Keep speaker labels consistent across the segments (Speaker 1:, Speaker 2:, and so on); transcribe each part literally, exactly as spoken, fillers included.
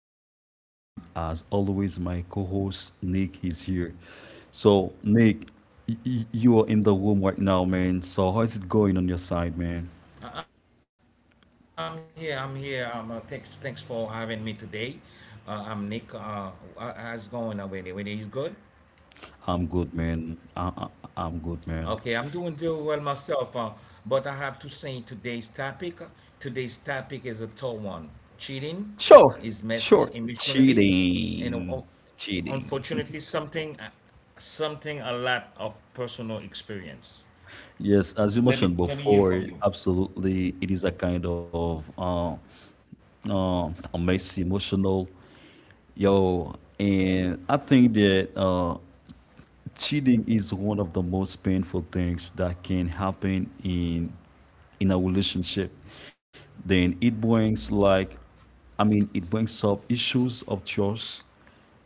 Speaker 1: host, and as always, my co-host Nick is here. So Nick, y- y- you are in the room right now, man. So how is it going on your side, man?
Speaker 2: I- I'm here. I'm here. Um, uh, thanks, thanks for having me today. Uh, I'm Nick. Uh, how- how's going, uh, Winnie? Winnie is good.
Speaker 1: I'm good, man. I- I- I'm good, man.
Speaker 2: Okay, I'm doing very well myself. Uh, but I have to say today's topic. Today's topic is a tough one. Cheating
Speaker 1: Sure,
Speaker 2: is messy
Speaker 1: sure.
Speaker 2: emotionally, and uh, uh,
Speaker 1: Cheating. Cheating.
Speaker 2: unfortunately, something, uh, something a lot of personal experience.
Speaker 1: Yes, as you
Speaker 2: Let me
Speaker 1: mentioned
Speaker 2: let me hear
Speaker 1: before,
Speaker 2: from you.
Speaker 1: absolutely, it is a kind of uh, uh, a messy, emotional, yo, and I think that uh, cheating is one of the most painful things that can happen in in a relationship. Then it brings like, i mean it brings up issues of trust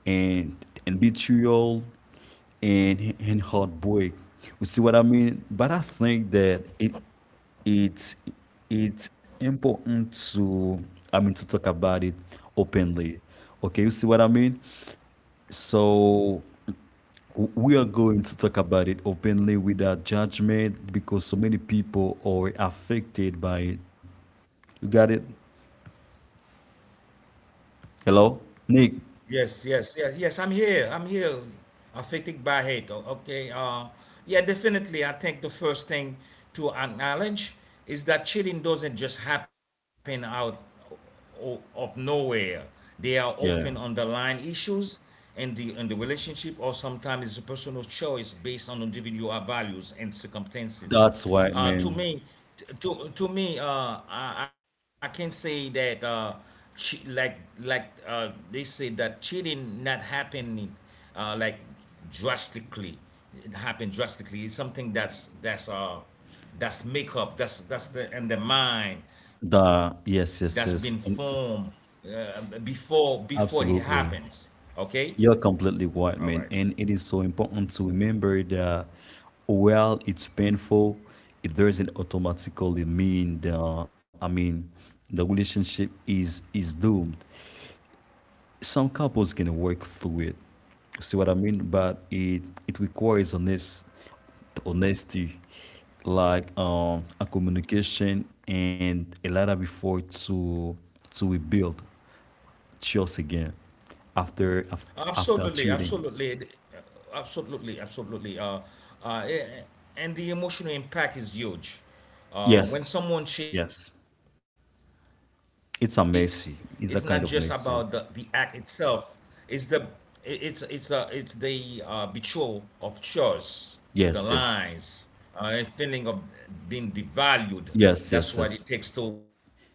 Speaker 1: and and betrayal and and heartbreak. You see what I mean? But I think that it it's it's important to, i mean to talk about it openly. Okay, you see what I mean? So we are going to talk about it openly without judgment, because so many people are affected by it. You got it? Hello? Nick,
Speaker 2: Yes, yes, yes, yes. I'm here. I'm here. Affected by hate. o- Okay. Uh, yeah, definitely. I think the first thing to acknowledge is that cheating doesn't just happen out o- of nowhere. They are often
Speaker 1: yeah.
Speaker 2: underlying issues in the in the relationship, or sometimes it's a personal choice based on individual values and circumstances.
Speaker 1: That's right,
Speaker 2: Uh, to
Speaker 1: man.
Speaker 2: me, to to me, uh, I, I can say that uh, che- like like uh, they say that cheating not happening uh, like drastically. It happened drastically. It's something that's that's uh that's makeup. That's that's the and The mind that's been
Speaker 1: The Yes,
Speaker 2: formed
Speaker 1: yes, yes. And
Speaker 2: uh, before before it happens. Okay,
Speaker 1: absolutely.
Speaker 2: all
Speaker 1: You're
Speaker 2: right.
Speaker 1: completely right, man. And it is so important to remember that while it's painful, it doesn't automatically mean the, I mean the relationship is is doomed. Some couples can work through it. See what I mean? But it it requires honest honesty, like, um a communication and a lot of effort to to rebuild trust again, after af- after
Speaker 2: Absolutely,
Speaker 1: cheating.
Speaker 2: absolutely, uh, absolutely, absolutely. Uh, uh, a- and the emotional impact is huge.
Speaker 1: Yes,
Speaker 2: Uh, when someone
Speaker 1: yes.
Speaker 2: cheats, it's not just about
Speaker 1: It's a
Speaker 2: the, the act
Speaker 1: messy. It's a
Speaker 2: itself.
Speaker 1: kind of
Speaker 2: It's
Speaker 1: messy.
Speaker 2: the it- it's it's a, it's the uh, betrayal of choice, the lines,
Speaker 1: Yes, yes,
Speaker 2: uh, a feeling of being devalued. That's
Speaker 1: yes,
Speaker 2: what
Speaker 1: yes,
Speaker 2: it
Speaker 1: yes,
Speaker 2: takes to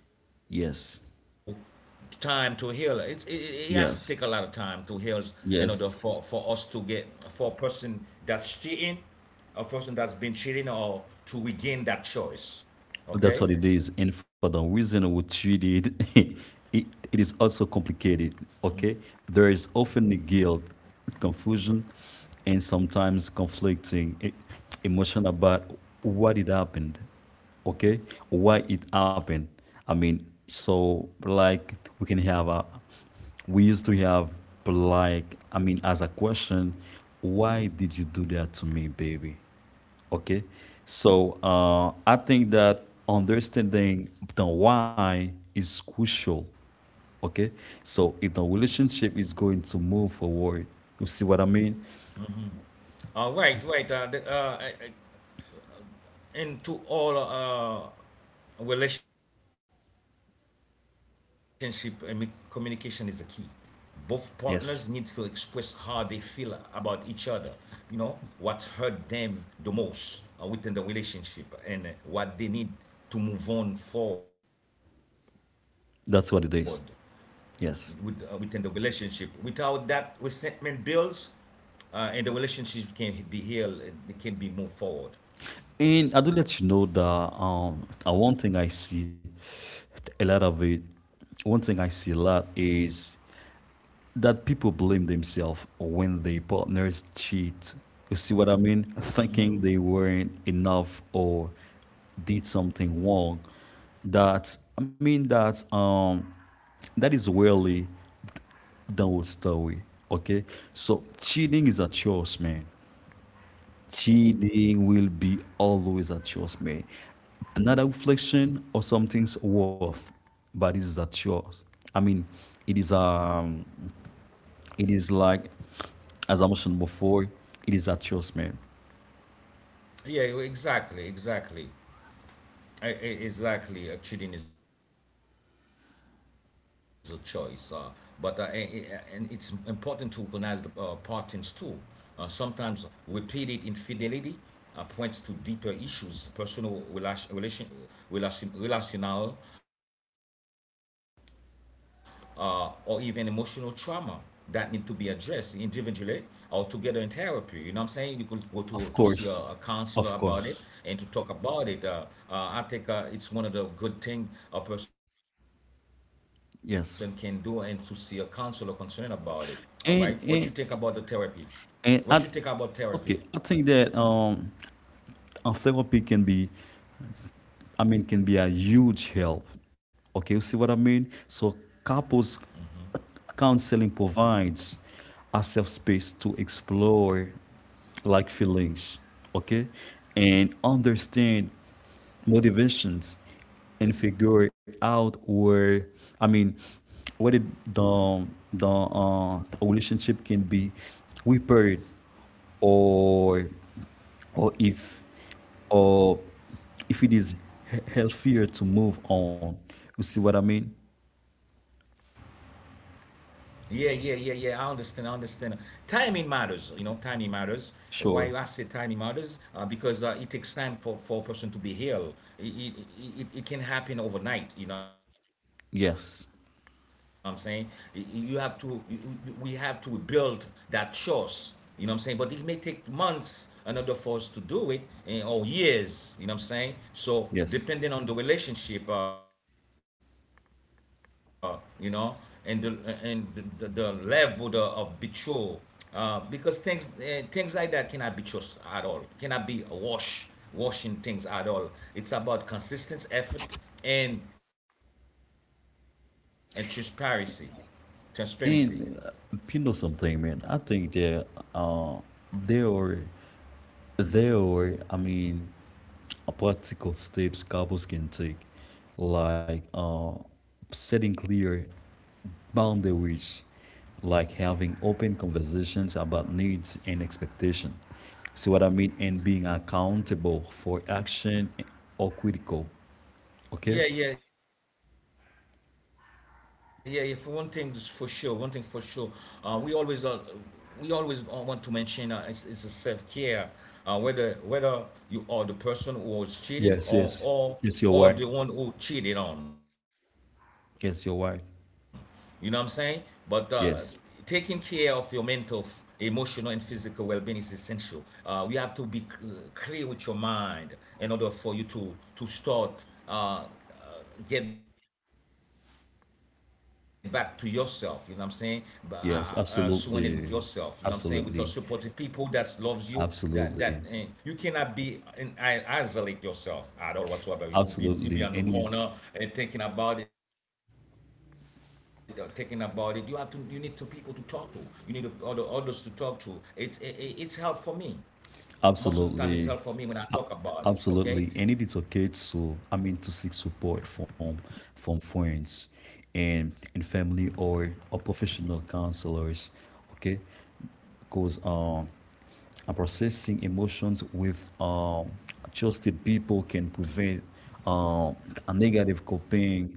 Speaker 2: time to
Speaker 1: yes,
Speaker 2: heal. It's, it, it it has to take a lot of time to heal in
Speaker 1: yes,
Speaker 2: order for, for us to get
Speaker 1: yes.
Speaker 2: for a person that's cheating, a person that's been cheating, or to regain that choice.
Speaker 1: That's
Speaker 2: Okay,
Speaker 1: what it is. And for the reason we treat it, it, it is also complicated, okay? There is often the guilt, confusion, and sometimes conflicting e- emotion about what it happened, okay? Why it happened. I mean, so like we can have a, we used to have like, I mean, as a question, why did you do that to me, baby? Okay. So uh, I think that understanding the why is crucial. Okay. So if the relationship is going to move forward, you see what I mean?
Speaker 2: all right, right. Uh, the, uh, uh, and to all uh, relationship and communication is a key. Both partners need to express how they feel
Speaker 1: Yes.
Speaker 2: about each other, you know, what hurt them the most uh, within the relationship, and what they need to move on forward with, uh, within the
Speaker 1: That's what it is.
Speaker 2: relationship without that
Speaker 1: Yes.
Speaker 2: resentment builds, uh, and the relationship can be healed, it can be moved forward.
Speaker 1: And I do let you know that um, uh, one thing I see a lot of it, one thing I see a lot is that people blame themselves when their partners cheat. You see what I mean?
Speaker 2: Hmm.
Speaker 1: Thinking they weren't enough or did something wrong. That, I mean that, um that is really downward story. Okay? So cheating is a choice, man. Cheating will be always a choice, man. Not a reflection or something's worth, but it's a choice. I mean, it is, um it is like, as I mentioned before, it is a trust, man.
Speaker 2: Yeah, exactly, exactly. E- e- Exactly, uh, cheating is a choice, uh, but uh, a- a- and it's important to recognize the uh, patterns too. Uh, sometimes repeated infidelity uh, points to deeper issues, personal relation, relation, relation relational, uh, or even emotional trauma that need to be addressed individually or together in therapy. You know what I'm saying? You could go to to see a, a counselor
Speaker 1: Of
Speaker 2: about it
Speaker 1: course,
Speaker 2: and to
Speaker 1: of
Speaker 2: talk about
Speaker 1: course,
Speaker 2: it. Uh, uh, I think uh, it's one of the good thing a person can do, and to see a counselor concerning
Speaker 1: yes.
Speaker 2: about it. All right. What you think about the therapy?
Speaker 1: And and
Speaker 2: What you think about therapy?
Speaker 1: and I Okay, I think that, um, a therapy can be, I mean, can be a huge help. Okay, you see what I mean? So couples counseling provides a safe space to explore like feelings, okay, and understand motivations, and figure out where, I mean whether the the uh, the relationship can be repaired, or or if, or if it is he- healthier to move on. You see what I mean?
Speaker 2: Yeah, yeah, yeah, yeah. I understand. I understand. Timing matters. You know, timing matters. Why I say timing matters? Uh,
Speaker 1: Sure.
Speaker 2: because uh, it takes time for for a person to be healed. It, it, it, it can happen overnight. You know what I'm saying? Y- You have
Speaker 1: Yes.
Speaker 2: to. You, you, we have to rebuild that trust. You know what I'm saying? But it may take months in order for us to do it, and or years. You know what I'm saying? So depending on the
Speaker 1: Yes.
Speaker 2: relationship, uh, you know, and the uh, and the, the, the level the, of betrayal, uh, because things uh, things like that cannot be trust at all. Cannot be a wash, washing things at all. It's about consistent effort and and transparency, transparency.
Speaker 1: And uh, you know something, man. I think that uh, there are there are I mean uh, practical steps couples can take, like, uh, setting clear boundaries, like having open conversations about needs and expectation. See what I mean? And being accountable for action or critical. Okay?
Speaker 2: Yeah, yeah, yeah, yeah. For one thing's for sure, one thing for sure, uh, we always uh, we always uh, want to mention uh, it's, it's a self care, uh, whether whether you are the person who was cheating or or
Speaker 1: Yes, yes.
Speaker 2: or
Speaker 1: Yes,
Speaker 2: the
Speaker 1: you're
Speaker 2: one
Speaker 1: right.
Speaker 2: who cheated on, you know what I'm saying?
Speaker 1: Yes,
Speaker 2: But
Speaker 1: you're
Speaker 2: uh,
Speaker 1: right.
Speaker 2: taking care of your mental,
Speaker 1: Yes.
Speaker 2: emotional, and physical well-being is essential. Uh, you have to be clear with your mind in order for you to to start uh, uh, get back to yourself. You know what I'm saying? B- Uh, uh, uh, surrounded with yourself. You know what I'm saying? With
Speaker 1: Yes,
Speaker 2: your supportive people
Speaker 1: absolutely.
Speaker 2: that loves you,
Speaker 1: Absolutely.
Speaker 2: that that eh, you cannot be
Speaker 1: Absolutely.
Speaker 2: in I, isolate yourself at all whatsoever. You will be you be on the corner
Speaker 1: Absolutely. And it
Speaker 2: and
Speaker 1: is
Speaker 2: thinking about it, or thinking about it. You have to you need to people to talk to. You need to, other others to talk to. It's it, it's help for me. Most of the time, it's help for me when I talk about
Speaker 1: absolutely.
Speaker 2: it. Okay,
Speaker 1: A- Absolutely. And it is okay to, I mean, to seek support from from friends and and family, or or professional counselors. Okay. Because, um and processing emotions with, um trusted people can prevent, um a negative coping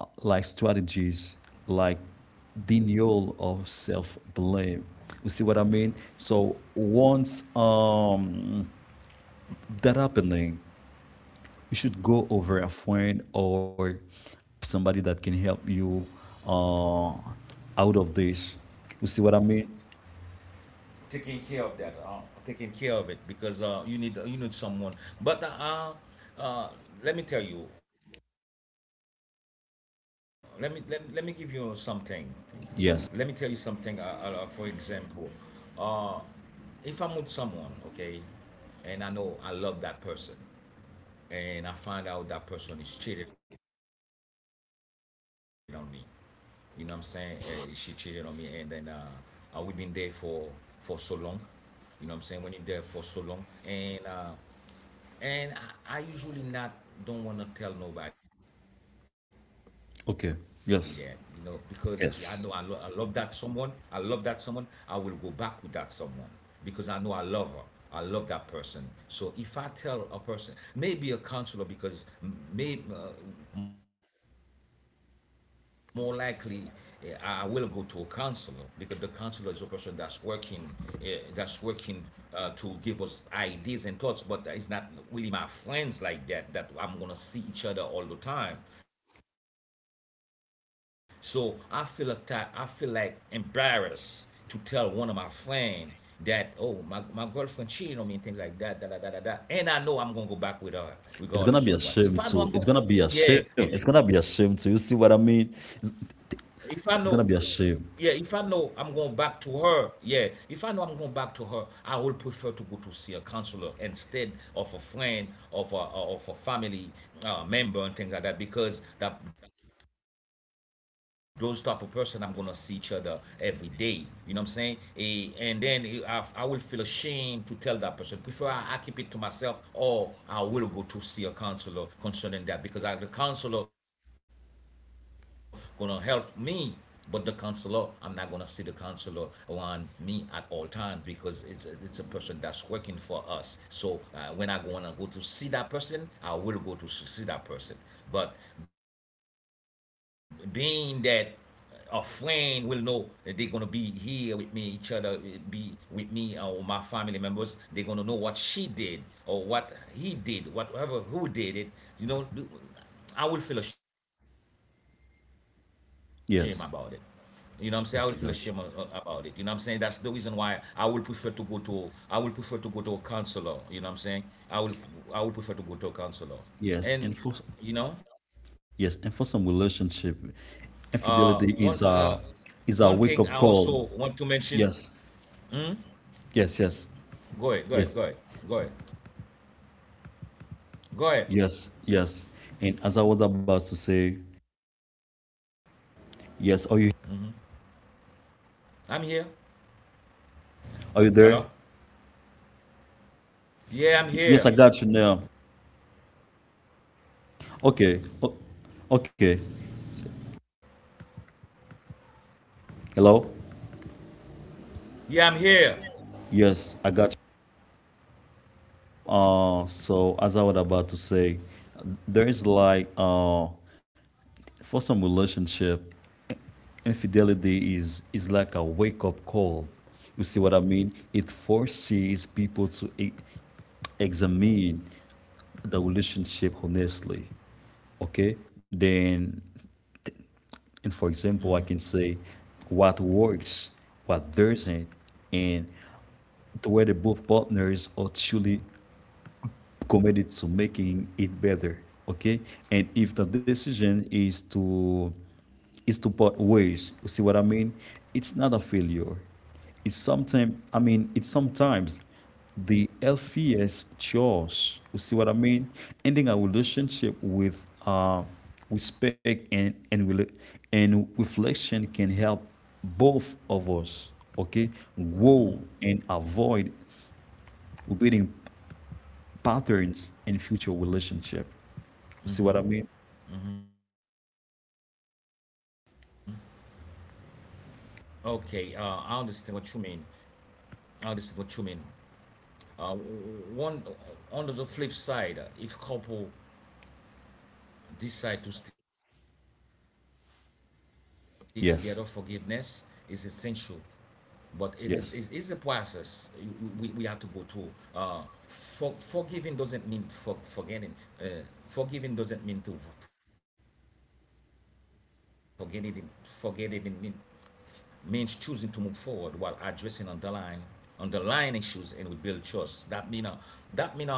Speaker 1: like strategies, like denial of self blame. You see what I mean? So once, um that happening, you should go over a friend, or somebody that can help you uh, out of this. You see what I mean?
Speaker 2: taking care of that, uh, taking care of it because uh, you need you need someone. But uh, uh, let me tell you, let me let, me- let me give you something. Let me tell you something. Uh, uh, for
Speaker 1: Yes.
Speaker 2: example, uh, if I'm with someone, okay, and I know I love that person, and I find out that person is cheating on me, you know what I'm saying? Uh, she cheated on me, and then uh, uh, we've been there for for so long, you know what I'm saying? When you're there for so long, and uh, and I, I usually not don't want to tell nobody that you know because yeah, I know I, lo-
Speaker 1: Okay.
Speaker 2: I love that
Speaker 1: Yes.
Speaker 2: someone, I love that
Speaker 1: Yes.
Speaker 2: someone, I will go back with that someone because I know I love her, I love that person. So if I tell a person, maybe a counselor, because maybe uh, more likely eh, I will go to a counselor because the counselor is a person that's working uh, that's working uh, to give us ideas and thoughts, but it's not really my friends like that that I'm gonna see each other all the time. So I feel atta- I feel like embarrassed to tell one of my friend that oh my, my girlfriend cheating on me and things like that, da da da da da, and I know I'm gonna go back with her regardless of what. If I
Speaker 1: It's
Speaker 2: know
Speaker 1: gonna
Speaker 2: I'm
Speaker 1: be
Speaker 2: going,
Speaker 1: a shame too. It's
Speaker 2: yeah,
Speaker 1: gonna be a
Speaker 2: i-
Speaker 1: shame. It's gonna be a
Speaker 2: if I
Speaker 1: shame
Speaker 2: know
Speaker 1: too. You see what I mean?
Speaker 2: yeah, if I know I'm going
Speaker 1: It's
Speaker 2: back
Speaker 1: gonna
Speaker 2: to
Speaker 1: be a
Speaker 2: her,
Speaker 1: shame.
Speaker 2: yeah, if I know I'm going back to her, I will prefer to go to see a counselor instead of a friend, of a of a family uh, member and things like that because that those type of person I'm gonna see each other every day. You know what I'm saying? Eh, and then eh, I, I will feel ashamed to tell that person. Prefer I, I keep it to myself, or I will go to see a counselor concerning that because I, the counselor gonna help me, but the counselor, I'm not gonna see the counselor on me at all time because it's a, it's a person that's working for us. So uh, when I wanna go to see that person, I will go to see that person. But being that a friend will know that they're gonna be here with me, each other eh, be with me or my family members. They're gonna know what she did or what he did, whatever who did it. You know, I will feel ashamed about it. You know what I'm saying? I will feel ashamed a-
Speaker 1: Yes.
Speaker 2: about it. You know what I'm saying? That's the reason
Speaker 1: Yes, I
Speaker 2: why
Speaker 1: got you.
Speaker 2: I will prefer to go to, I will prefer to go to a counselor. You know what I'm saying? I will I will prefer to go to a counselor. And
Speaker 1: Yes, and
Speaker 2: you
Speaker 1: for
Speaker 2: know, uh,
Speaker 1: yes, and
Speaker 2: one
Speaker 1: for some
Speaker 2: uh,
Speaker 1: relationship,
Speaker 2: one thing I
Speaker 1: infidelity
Speaker 2: also
Speaker 1: is
Speaker 2: want
Speaker 1: a,
Speaker 2: to mention.
Speaker 1: is a wake up call. Yes. Yes. Yes.
Speaker 2: Go ahead, go ahead, go
Speaker 1: Yes.
Speaker 2: ahead, go ahead, go ahead.
Speaker 1: Yes, yes. And as I was about to say, yes, are you
Speaker 2: I'm here.
Speaker 1: are you
Speaker 2: Hello.
Speaker 1: there?
Speaker 2: Yeah, I'm
Speaker 1: Y- Yes, I
Speaker 2: here.
Speaker 1: got you now. Okay. O- okay. Hello?
Speaker 2: Yeah, I'm here.
Speaker 1: Yes, I got you. Uh, so as I was about to say, there is like uh for some relationship, infidelity is is like a wake up call. You see what I mean? It forces people to e- examine the relationship honestly. Okay? Then And for example, I can say what works, what doesn't, and the way the both partners are truly committed to making it better. Okay, and if the decision is to, is to part ways, you see what I mean? It's not a failure. It's sometimes, I mean it's sometimes the healthiest choice. You see what I mean? Ending a relationship with, uh, respect and and rela- and reflection can help both of us. Okay, grow and avoid repeating patterns in future relationship. See what I mean?
Speaker 2: Okay, uh, I understand what you mean. I understand what you mean. Uh, one, on the flip side, if couple decide to stay together, forgiveness is essential,
Speaker 1: Yes.
Speaker 2: but it is it is a process you, you,
Speaker 1: Yes.
Speaker 2: we we have to go through. Uh, for, forgiving doesn't mean for, forgetting. Uh, forgiving doesn't mean to forget it. Forget it. It means choosing to move forward while addressing underlying underlying issues and rebuild trust. That mean uh, that mean uh, um,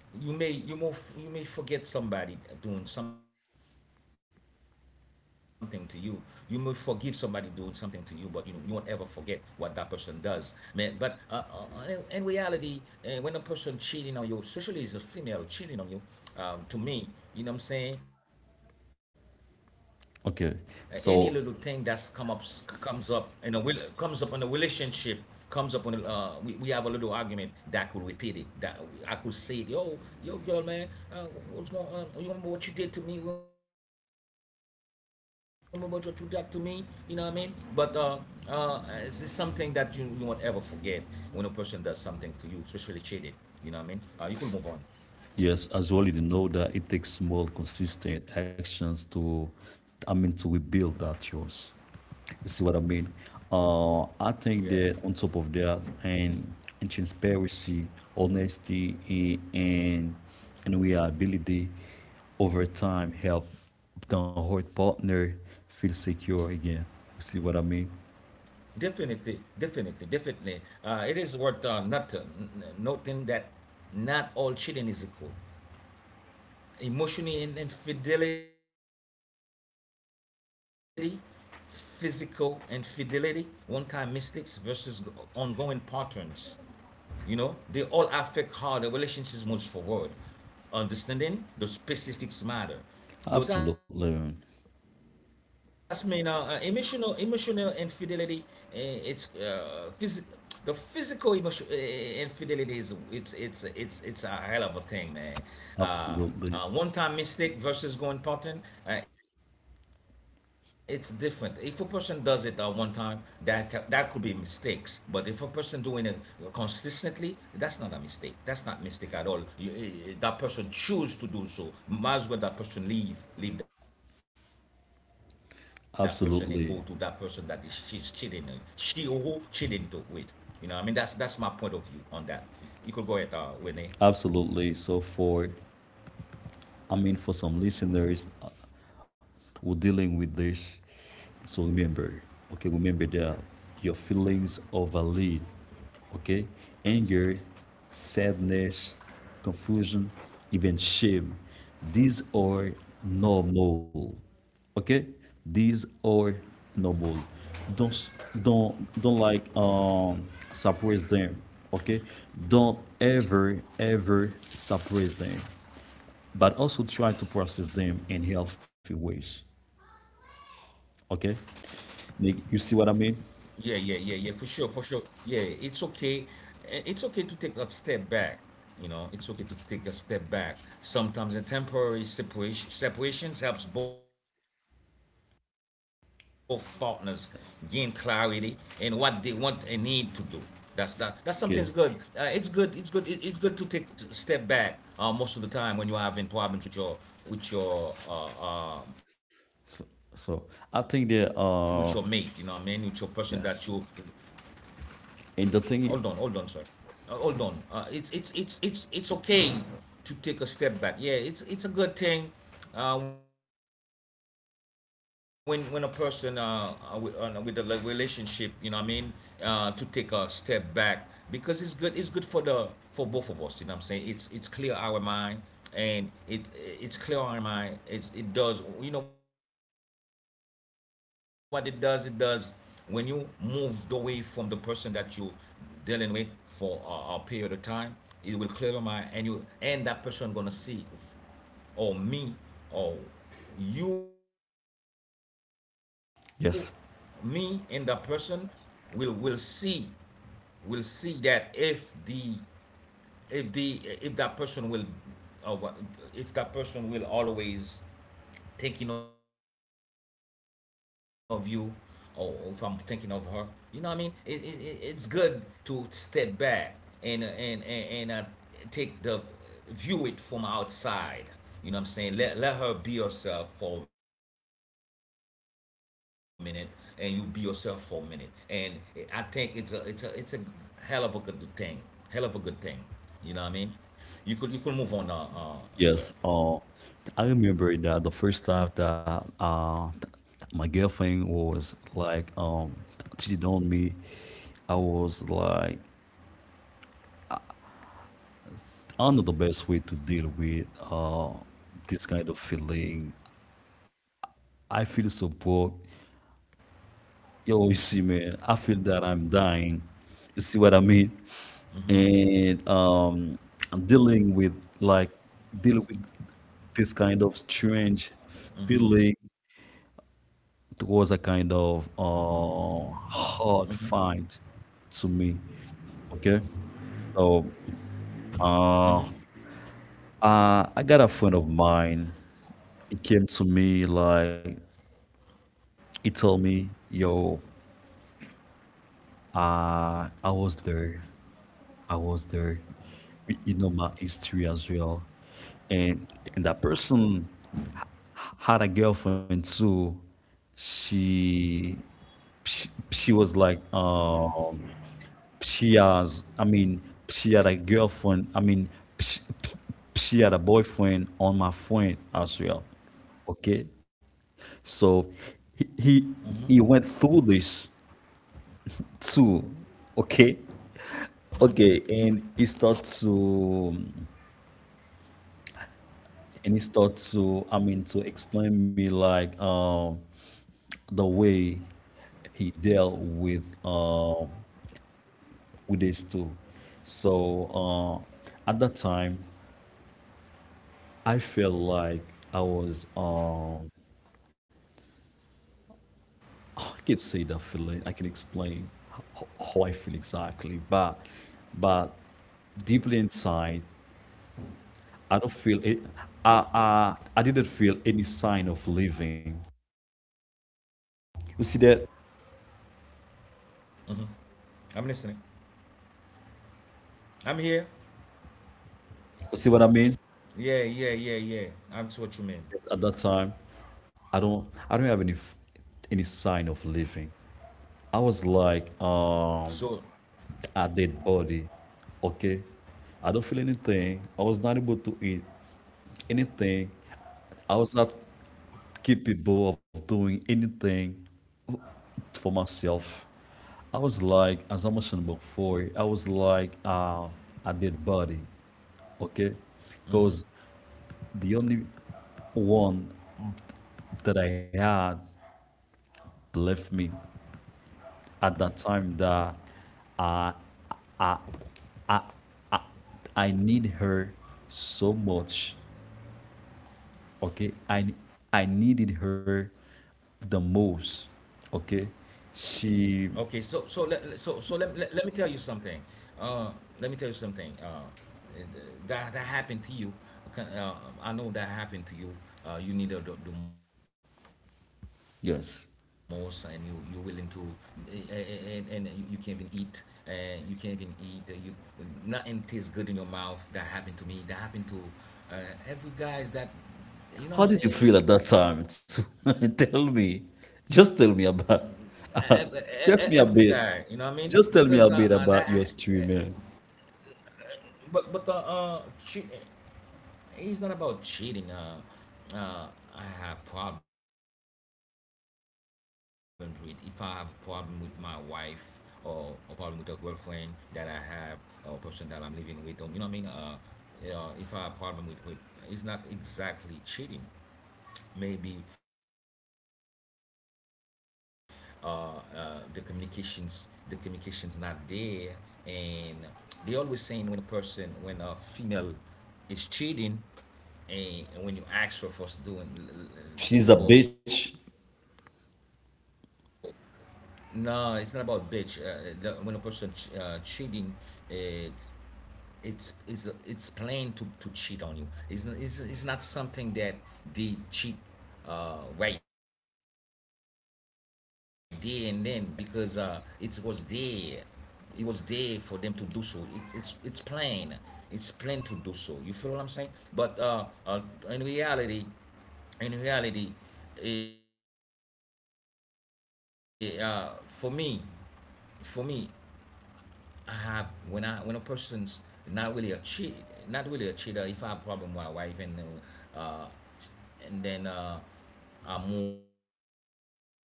Speaker 2: you may you may you may forget somebody doing something to you. You may forgive somebody doing something to you, but you you won't ever forget what that person does, man. But uh, uh, in, in reality, uh, when a person cheating on you, especially is a female cheating on you, um, to me, you know what I'm saying, uh, any little thing that's come up
Speaker 1: Okay.
Speaker 2: comes up
Speaker 1: So
Speaker 2: in a will comes up in a relationship, comes up on a, uh, we, we have a little argument, that could repeat it. That I could say it, yo, yo girl, man. uh, what's going on? You remember what you did to me? You remember what you did to me? You know what I mean? But uh uh it's something that you you won't ever forget. When a person does something for you, especially cheated, you know what I mean, uh you could move on.
Speaker 1: yes, as well already know that it takes small, consistent actions to, I mean to rebuild that trust. You see what I mean?
Speaker 2: Yeah,
Speaker 1: Uh, I think that on top of that, and, and transparency, honesty, a- and and reliability over time help the whole partner feel secure again. You see what I mean?
Speaker 2: definitely. Definitely definitely uh it is worth uh not uh, n- noting that not all cheating is equal. Emotional infidelity, physical infidelity, one time mistakes versus ongoing patterns. You know, they all affect how the relationship moves forward. Understanding the specifics matter. Though that's mean uh, uh,
Speaker 1: Absolutely.
Speaker 2: emotional emotional infidelity, uh, it's uh, phys- the physical emotion uh, infidelity is it's it's it's it's a hell of a thing, man. Uh, uh, one time
Speaker 1: Absolutely.
Speaker 2: mistake versus going pattern, uh, it's different. If a person does it at one time, that that could be mistakes. But if a person doing it consistently, that's not a mistake. That's not mistake at all. You, eh, eh, that person choose to do so. Might as well that person leave leave that person and go to that person that is, she's cheating on. She
Speaker 1: Absolutely.
Speaker 2: or who cheating to with. You know, I mean that's that's my point of view on that. You, you could go ahead, uh, Winnie.
Speaker 1: Absolutely. So for, I mean for some listeners, we're dealing with this. So remember, okay, remember that your feelings overlead, okay? Anger, sadness, confusion, even shame. These are normal, okay? These are normal. Don't, don't don't like, um suppress them, okay? Don't ever ever suppress them, but also try to process them in healthy ways. Okay,
Speaker 2: Yeah, yeah, yeah,
Speaker 1: like,
Speaker 2: yeah,
Speaker 1: you
Speaker 2: for
Speaker 1: see
Speaker 2: sure,
Speaker 1: what I
Speaker 2: for sure.
Speaker 1: mean?
Speaker 2: Yeah, it's okay. Eh, it's okay to take a step back. You know, it's okay to take a step back. Sometimes a temporary separation separations helps both partners gain clarity in what they want and need to do. That's that. That's something's good. Uh, it's good. It's good. it-
Speaker 1: Okay,
Speaker 2: It's good to take a step back. uh, most of the time when you're having problems with your with your uh, uh, with your mate,
Speaker 1: so,
Speaker 2: you know what I mean, with
Speaker 1: so
Speaker 2: your
Speaker 1: I
Speaker 2: person
Speaker 1: think
Speaker 2: that
Speaker 1: there
Speaker 2: you—
Speaker 1: are yes,
Speaker 2: Hold on, hold on,
Speaker 1: and
Speaker 2: sir.
Speaker 1: the thing, i-
Speaker 2: Uh, hold on. Uh, it's it's it's it's it's okay to take a step back. Yeah, it's it's a good thing uh, when when a person uh, uh, with, uh, with a relationship, you know what I mean, uh, to take a step back because it's good. It's good for the for both of us. You know what I'm saying, it's it's clear our mind, and it it's clear our mind. It's it does. You know what it does? It does, when you moved away from the person that you dealing with for a, a period of time, it will clear your mind, and you and that person gonna see, or me, or you, me and that person
Speaker 1: yes,
Speaker 2: will will see, will see that if the if the if that person will, uh, if that person will always thinking of you, or if I'm thinking of her. You know what I mean? It, it, it- it's good to step back and uh, and and, and uh, take the view it from outside. You know what I'm saying? Let let her be herself for a minute, and you be yourself for a minute. And I think it's a it's a it's a hell of a good thing, hell of a good thing. You know what I mean? You could you could move on, uh, uh, sir.
Speaker 1: yes. Uh, I remember that the first time that uh my girlfriend was like, um cheating on me, I was like, I know the best way to deal with uh this kind of feeling. I feel so broke. Yo, you see, man, I feel that I'm dying. You see what I mean? And, um, I'm dealing with like dealing with this kind of strange feeling. It was a kind of uh, hard find to me. Okay, so uh, uh, I got a friend of mine. He came to me like he told me, "Yo, uh, I was there. I was there. You you know my history as well." And and that person had a girlfriend too. She she, she was like, um she has, I mean she had a girlfriend. I mean she, she had a boyfriend on my friend as well. Okay, so he he, he went through this too. Okay. Okay, and he start to and he start to, I mean to explain me like, um the way he dealt with, uh, with this too. So uh, at that time, I felt like I was, um, I could say that feeling. I can explain ho- how I feel exactly, but but deeply inside, I don't feel it. I, I I didn't feel any sign of living. You see that?
Speaker 2: I'm listening. I'm here.
Speaker 1: You see what I mean?
Speaker 2: Yeah, yeah, yeah, yeah. I'm to what you mean.
Speaker 1: At that time, I don't I don't have any f- any sign of living. I was
Speaker 2: So,
Speaker 1: like, um, a dead body. Okay. I don't feel anything. I was not able to eat anything. I was not capable of doing anything for myself. I was like, as I mentioned before, I was like uh, a dead body. Okay.
Speaker 2: mhm.
Speaker 1: Because the only one that I had left me at that time that I I need her so much. Okay. I I needed her the most.
Speaker 2: Okay, so
Speaker 1: Okay.
Speaker 2: so let so so let, let,
Speaker 1: She
Speaker 2: let me tell you something. Uh, let me tell you something. Uh, that that happened to you. Okay, Uh, I know that happened to you. Uh, you needed the, the most, and you you're willing to,
Speaker 1: yes.
Speaker 2: eh, eh, eh, and and you, you can't even eat, and you can't even eat. You nothing tastes good in your mouth. That happened to me. That happened to uh, every guys that, you know what I'm
Speaker 1: How did you
Speaker 2: saying?
Speaker 1: feel at that time? too? Tell
Speaker 2: ev-
Speaker 1: me.
Speaker 2: e- e- every
Speaker 1: Just tell me
Speaker 2: guy, you know
Speaker 1: about
Speaker 2: what I mean, because uh, uh
Speaker 1: just me a
Speaker 2: that
Speaker 1: bit. Just tell me a bit about your story, man.
Speaker 2: but but uh, uh che- it's not about cheating. uh uh I have problems with, if I have a problem with my wife, or a problem with a girlfriend that I have, or person that I'm living with, or, you know what I mean, uh uh, if I have a problem with with it's not exactly cheating, maybe uh, uh, the communications the communications not there. And they always saying, when a person, when a female is cheating, and, when you ask her for doing
Speaker 1: She's a
Speaker 2: for—
Speaker 1: bitch.
Speaker 2: No, it's not about bitch. uh, the, when a person ch- uh, cheating, it it's it's it's plain to to cheat on you. it's, it's, it's not something that they cheat uh, right there and then because, uh, it was there, it was there for them to do so. it, it's it's plain, it's plain to do so. You feel what I'm saying? But uh, uh, in reality, in reality, eh, uh, for me, for me, I have, when I, when a person's not really a cheat, not really a cheater. If I have problem with my wife, and uh, uh, and then uh, I move,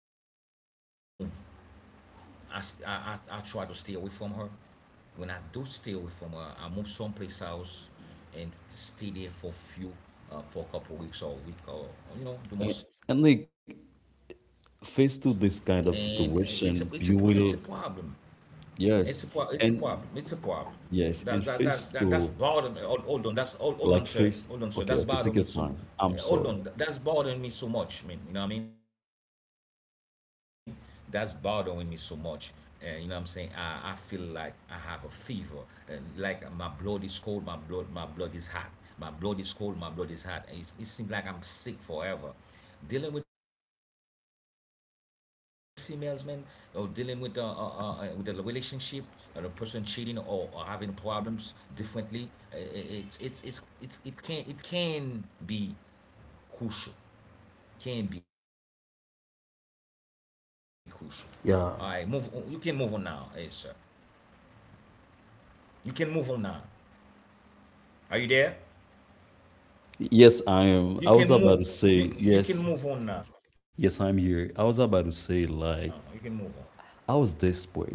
Speaker 2: I, st- I I I try to stay away from her. When I do stay away from her, I move someplace else and stay there for a few, uh, for a couple of weeks or a week or, you know, the most.
Speaker 1: Eh, and like
Speaker 2: And it's a it's a pro- it's
Speaker 1: faced
Speaker 2: a
Speaker 1: to this
Speaker 2: problem.
Speaker 1: kind of situation, you
Speaker 2: it's a pro-
Speaker 1: will
Speaker 2: it's a problem. It's a problem.
Speaker 1: yes.
Speaker 2: That's that
Speaker 1: And
Speaker 2: that, that that's bothering me.
Speaker 1: yes,
Speaker 2: Hold,
Speaker 1: and
Speaker 2: hold on. That's
Speaker 1: faced
Speaker 2: hold,
Speaker 1: to
Speaker 2: hold on, sir. Hold on, sir. That's bothering
Speaker 1: like
Speaker 2: me so.
Speaker 1: face. Okay, okay, take
Speaker 2: Hold
Speaker 1: your
Speaker 2: on.
Speaker 1: time.
Speaker 2: That's
Speaker 1: I'm
Speaker 2: bothering
Speaker 1: sorry.
Speaker 2: me so much, man. You know what I mean? That's bothering me so much. Uh, you know what I'm saying? I I feel like I have a fever. Uh, like my blood is cold. My blood my blood is hot. My blood is cold. My blood is hot. It's, it seems like I'm sick forever dealing with females, man, or dealing with uh, uh, uh, uh, with a relationship, or a person cheating, or, or having problems differently, uh, it's it's it's it's it can it can be crucial, can be crucial. All right, move on. You can move on now, hey, sir.
Speaker 1: Yeah.
Speaker 2: You can move on now. Are you there?
Speaker 1: Yes, I am.
Speaker 2: You
Speaker 1: I
Speaker 2: can
Speaker 1: was about
Speaker 2: move.
Speaker 1: to
Speaker 2: You
Speaker 1: say,
Speaker 2: you can
Speaker 1: yes,
Speaker 2: move on now. You can
Speaker 1: yes,
Speaker 2: move
Speaker 1: I'm
Speaker 2: on.
Speaker 1: here. I was about to say, like, I was desperate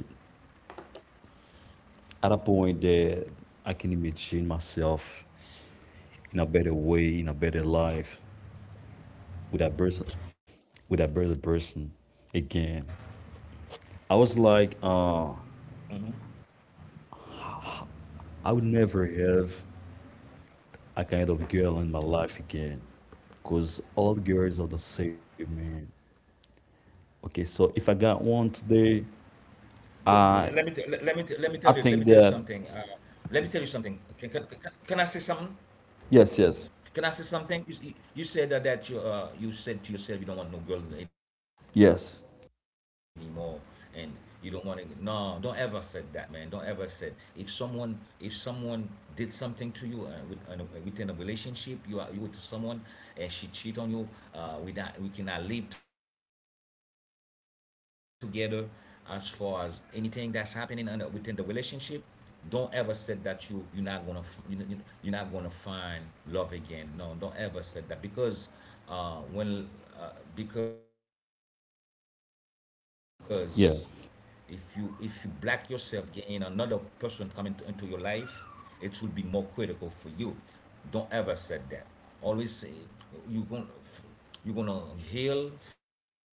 Speaker 1: at a point that I can imagine myself in a better way, in a better life with that person, with that better person again. I was like, uh, I would never have a kind of girl in my life again, because all girls are the same, man. Okay, so
Speaker 2: The-
Speaker 1: if I got
Speaker 2: Let me t-
Speaker 1: one
Speaker 2: let me t-
Speaker 1: today,
Speaker 2: let me tell you let me tell you something. Uh,
Speaker 1: I
Speaker 2: let me tell you something.
Speaker 1: I
Speaker 2: Can,
Speaker 1: think
Speaker 2: can, can
Speaker 1: that
Speaker 2: can I say something? Can I say something?
Speaker 1: yes,
Speaker 2: You,
Speaker 1: yes,
Speaker 2: you- said uh, that you uh you said to yourself you don't want no girl anymore, and you don't
Speaker 1: yes,
Speaker 2: want to. No, don't ever said that, man. Don't ever said. If someone, if someone did something to you uh, with uh, no- uh, within a relationship, you are, you with someone, and she cheat on you. Uh, we not, we cannot live together. As far as anything that's happening under, within the relationship, don't ever say that you you're not gonna f- you, you, you're not gonna find love again. No, don't ever say that because uh, when uh, because if you, if you black
Speaker 1: yeah,
Speaker 2: yourself in another person coming t- into your life, it will be more critical for you. Don't ever say that. Always say you gonna, you're gonna heal first.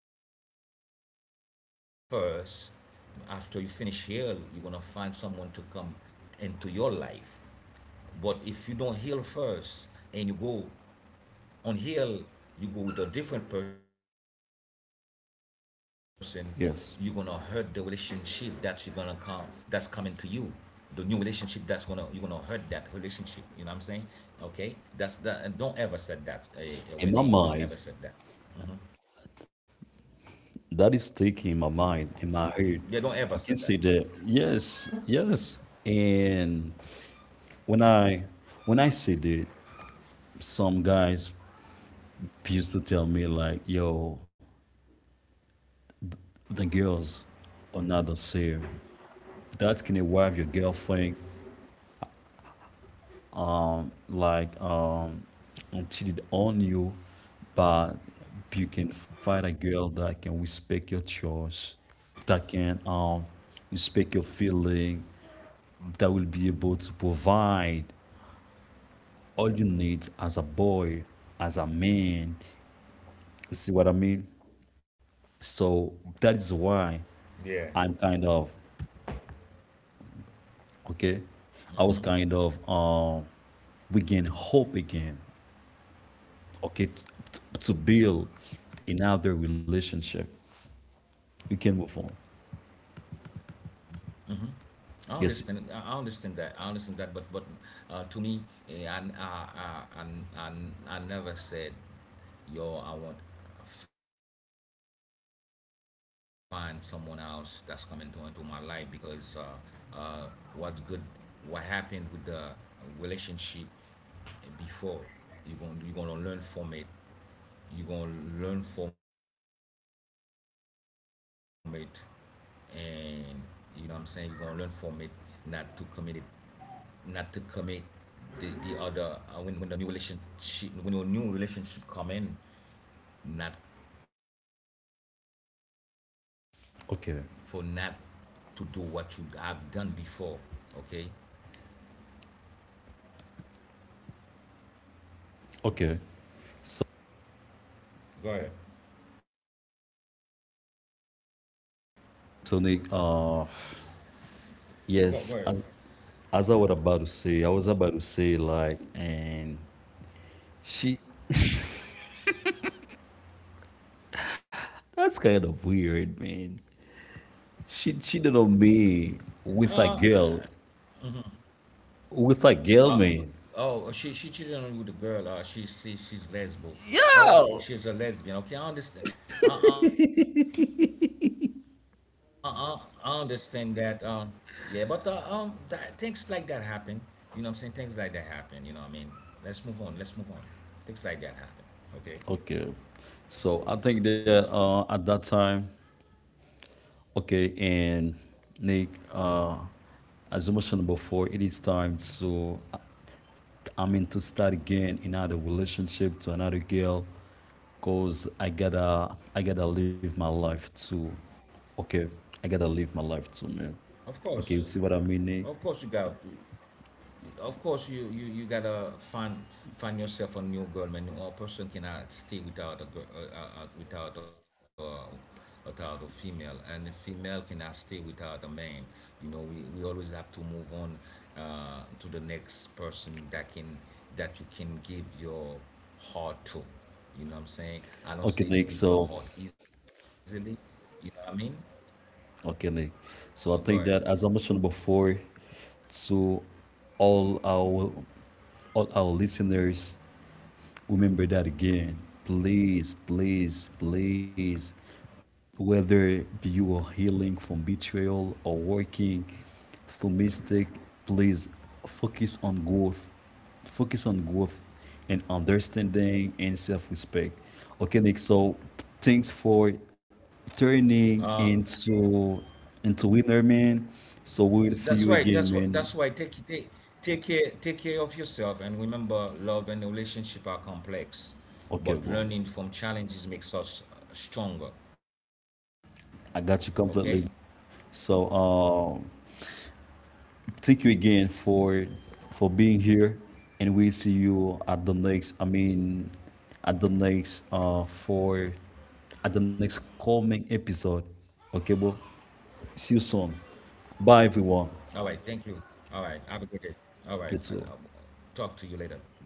Speaker 2: After you finish heal, you're gonna find someone to come into your life. But if you don't heal first and you go unheal, you go with a different person, you're gonna hurt the relationship that you're gonna
Speaker 1: yes.
Speaker 2: come, that's coming to you. The new relationship that's gonna, you're gonna hurt that relationship. You know what I'm saying? Okay? That's that, and don't ever say that, uh, uh, Renee. Don't ever say
Speaker 1: In my
Speaker 2: that.
Speaker 1: mind,
Speaker 2: Yeah, don't
Speaker 1: that is
Speaker 2: ever say that.
Speaker 1: sticking in my mind, in my head. I can say that yes, yes. And when I when I say that, some guys used to tell me like, yo, the girls are not the same. That can to wife your girlfriend, um, like, um, until it on you, but you can find a girl that can respect your choice, that can, um, respect your feeling, that will be able to provide all you need as a boy, as a man. You see what I mean?
Speaker 2: Yeah,
Speaker 1: So that is why I'm kind of okay. I was kind of, um, we gain hope again. Okay, t- t- to build another relationship, we can move on.
Speaker 2: I understand it. I I understand
Speaker 1: Yes,
Speaker 2: that. I understand that. But but uh, to me, eh, I, I, I, I, I I never said, yo, I want find someone else that's coming to into my life, because uh, uh, what's good, what happened with the relationship before, you're gonna you're gonna learn from it. You're gonna learn from it, and you know what I'm saying. You're gonna learn from it, not to commit it, not to commit the the other, uh, when when the new relationship, when your new relationship come in, not for, not to do
Speaker 1: okay,
Speaker 2: what you have done before. Okay.
Speaker 1: okay, so,
Speaker 2: Go ahead.
Speaker 1: so Nick, uh
Speaker 2: Go go ahead.
Speaker 1: yes, as, as I was about to say, i was about to say like and she that's kind of weird, man. She
Speaker 2: Uh,
Speaker 1: cheated on me with a girl, with a
Speaker 2: Uh,
Speaker 1: girl, man.
Speaker 2: oh, she she cheated on you with a girl. Uh, she she she's lesbo. Oh,
Speaker 1: Yeah,
Speaker 2: she, she's a lesbian. Okay, I understand. I I, I, I understand that. Um, yeah, but uh, um, that things like that happen. You know what I'm saying? Things like that happen. You know what I mean? Let's move on. Let's move on. Things like that happen. Okay.
Speaker 1: okay, so I think that uh at that time, okay, and Nick, uh, as I mentioned before, it is time to, I mean, to start again another relationship to another girl, cause I gotta, I gotta live my life too. Okay, I gotta live my life too, man.
Speaker 2: Of
Speaker 1: Okay,
Speaker 2: course.
Speaker 1: you see what I mean, Nick?
Speaker 2: Of course, you got. Of course you you you gotta find, find yourself a new girl, man. A person cannot stay without a girl, uh, uh, uh, without a, without a female, and a female cannot stay without a man. You know, we, we always have to move on, uh, to the next person that can, that you can give your heart to. You know what I'm saying, I
Speaker 1: Okay,
Speaker 2: don't say
Speaker 1: Nick.
Speaker 2: to give
Speaker 1: So,
Speaker 2: your heart easily. You know what I mean,
Speaker 1: okay, Nick.
Speaker 2: so go
Speaker 1: So
Speaker 2: ahead.
Speaker 1: I think that as I mentioned before, to all our all our listeners, remember that again. Please, please, please. Whether you are healing from betrayal or working through mistake, please focus on growth. Focus on growth and understanding and self respect. Okay, Nick, so thanks for turning into into Winner, man. So
Speaker 2: That's
Speaker 1: we'll
Speaker 2: why.
Speaker 1: see you
Speaker 2: That's why.
Speaker 1: again,
Speaker 2: That's why.
Speaker 1: man.
Speaker 2: Take take take care. Take care of yourself, and remember, love and relationship are complex,
Speaker 1: Okay,
Speaker 2: but
Speaker 1: well,
Speaker 2: learning from challenges makes us stronger. Okay.
Speaker 1: I got you completely. So, um, thank you again for for being here, and we see you at the next. I mean, at the next uh for at the next coming episode. Okay, bro. See you soon.
Speaker 2: All
Speaker 1: Bye,
Speaker 2: right.
Speaker 1: everyone.
Speaker 2: Thank you. All right. Have a good day. All right. And I'll
Speaker 1: You too.
Speaker 2: talk to you later. Bye bye.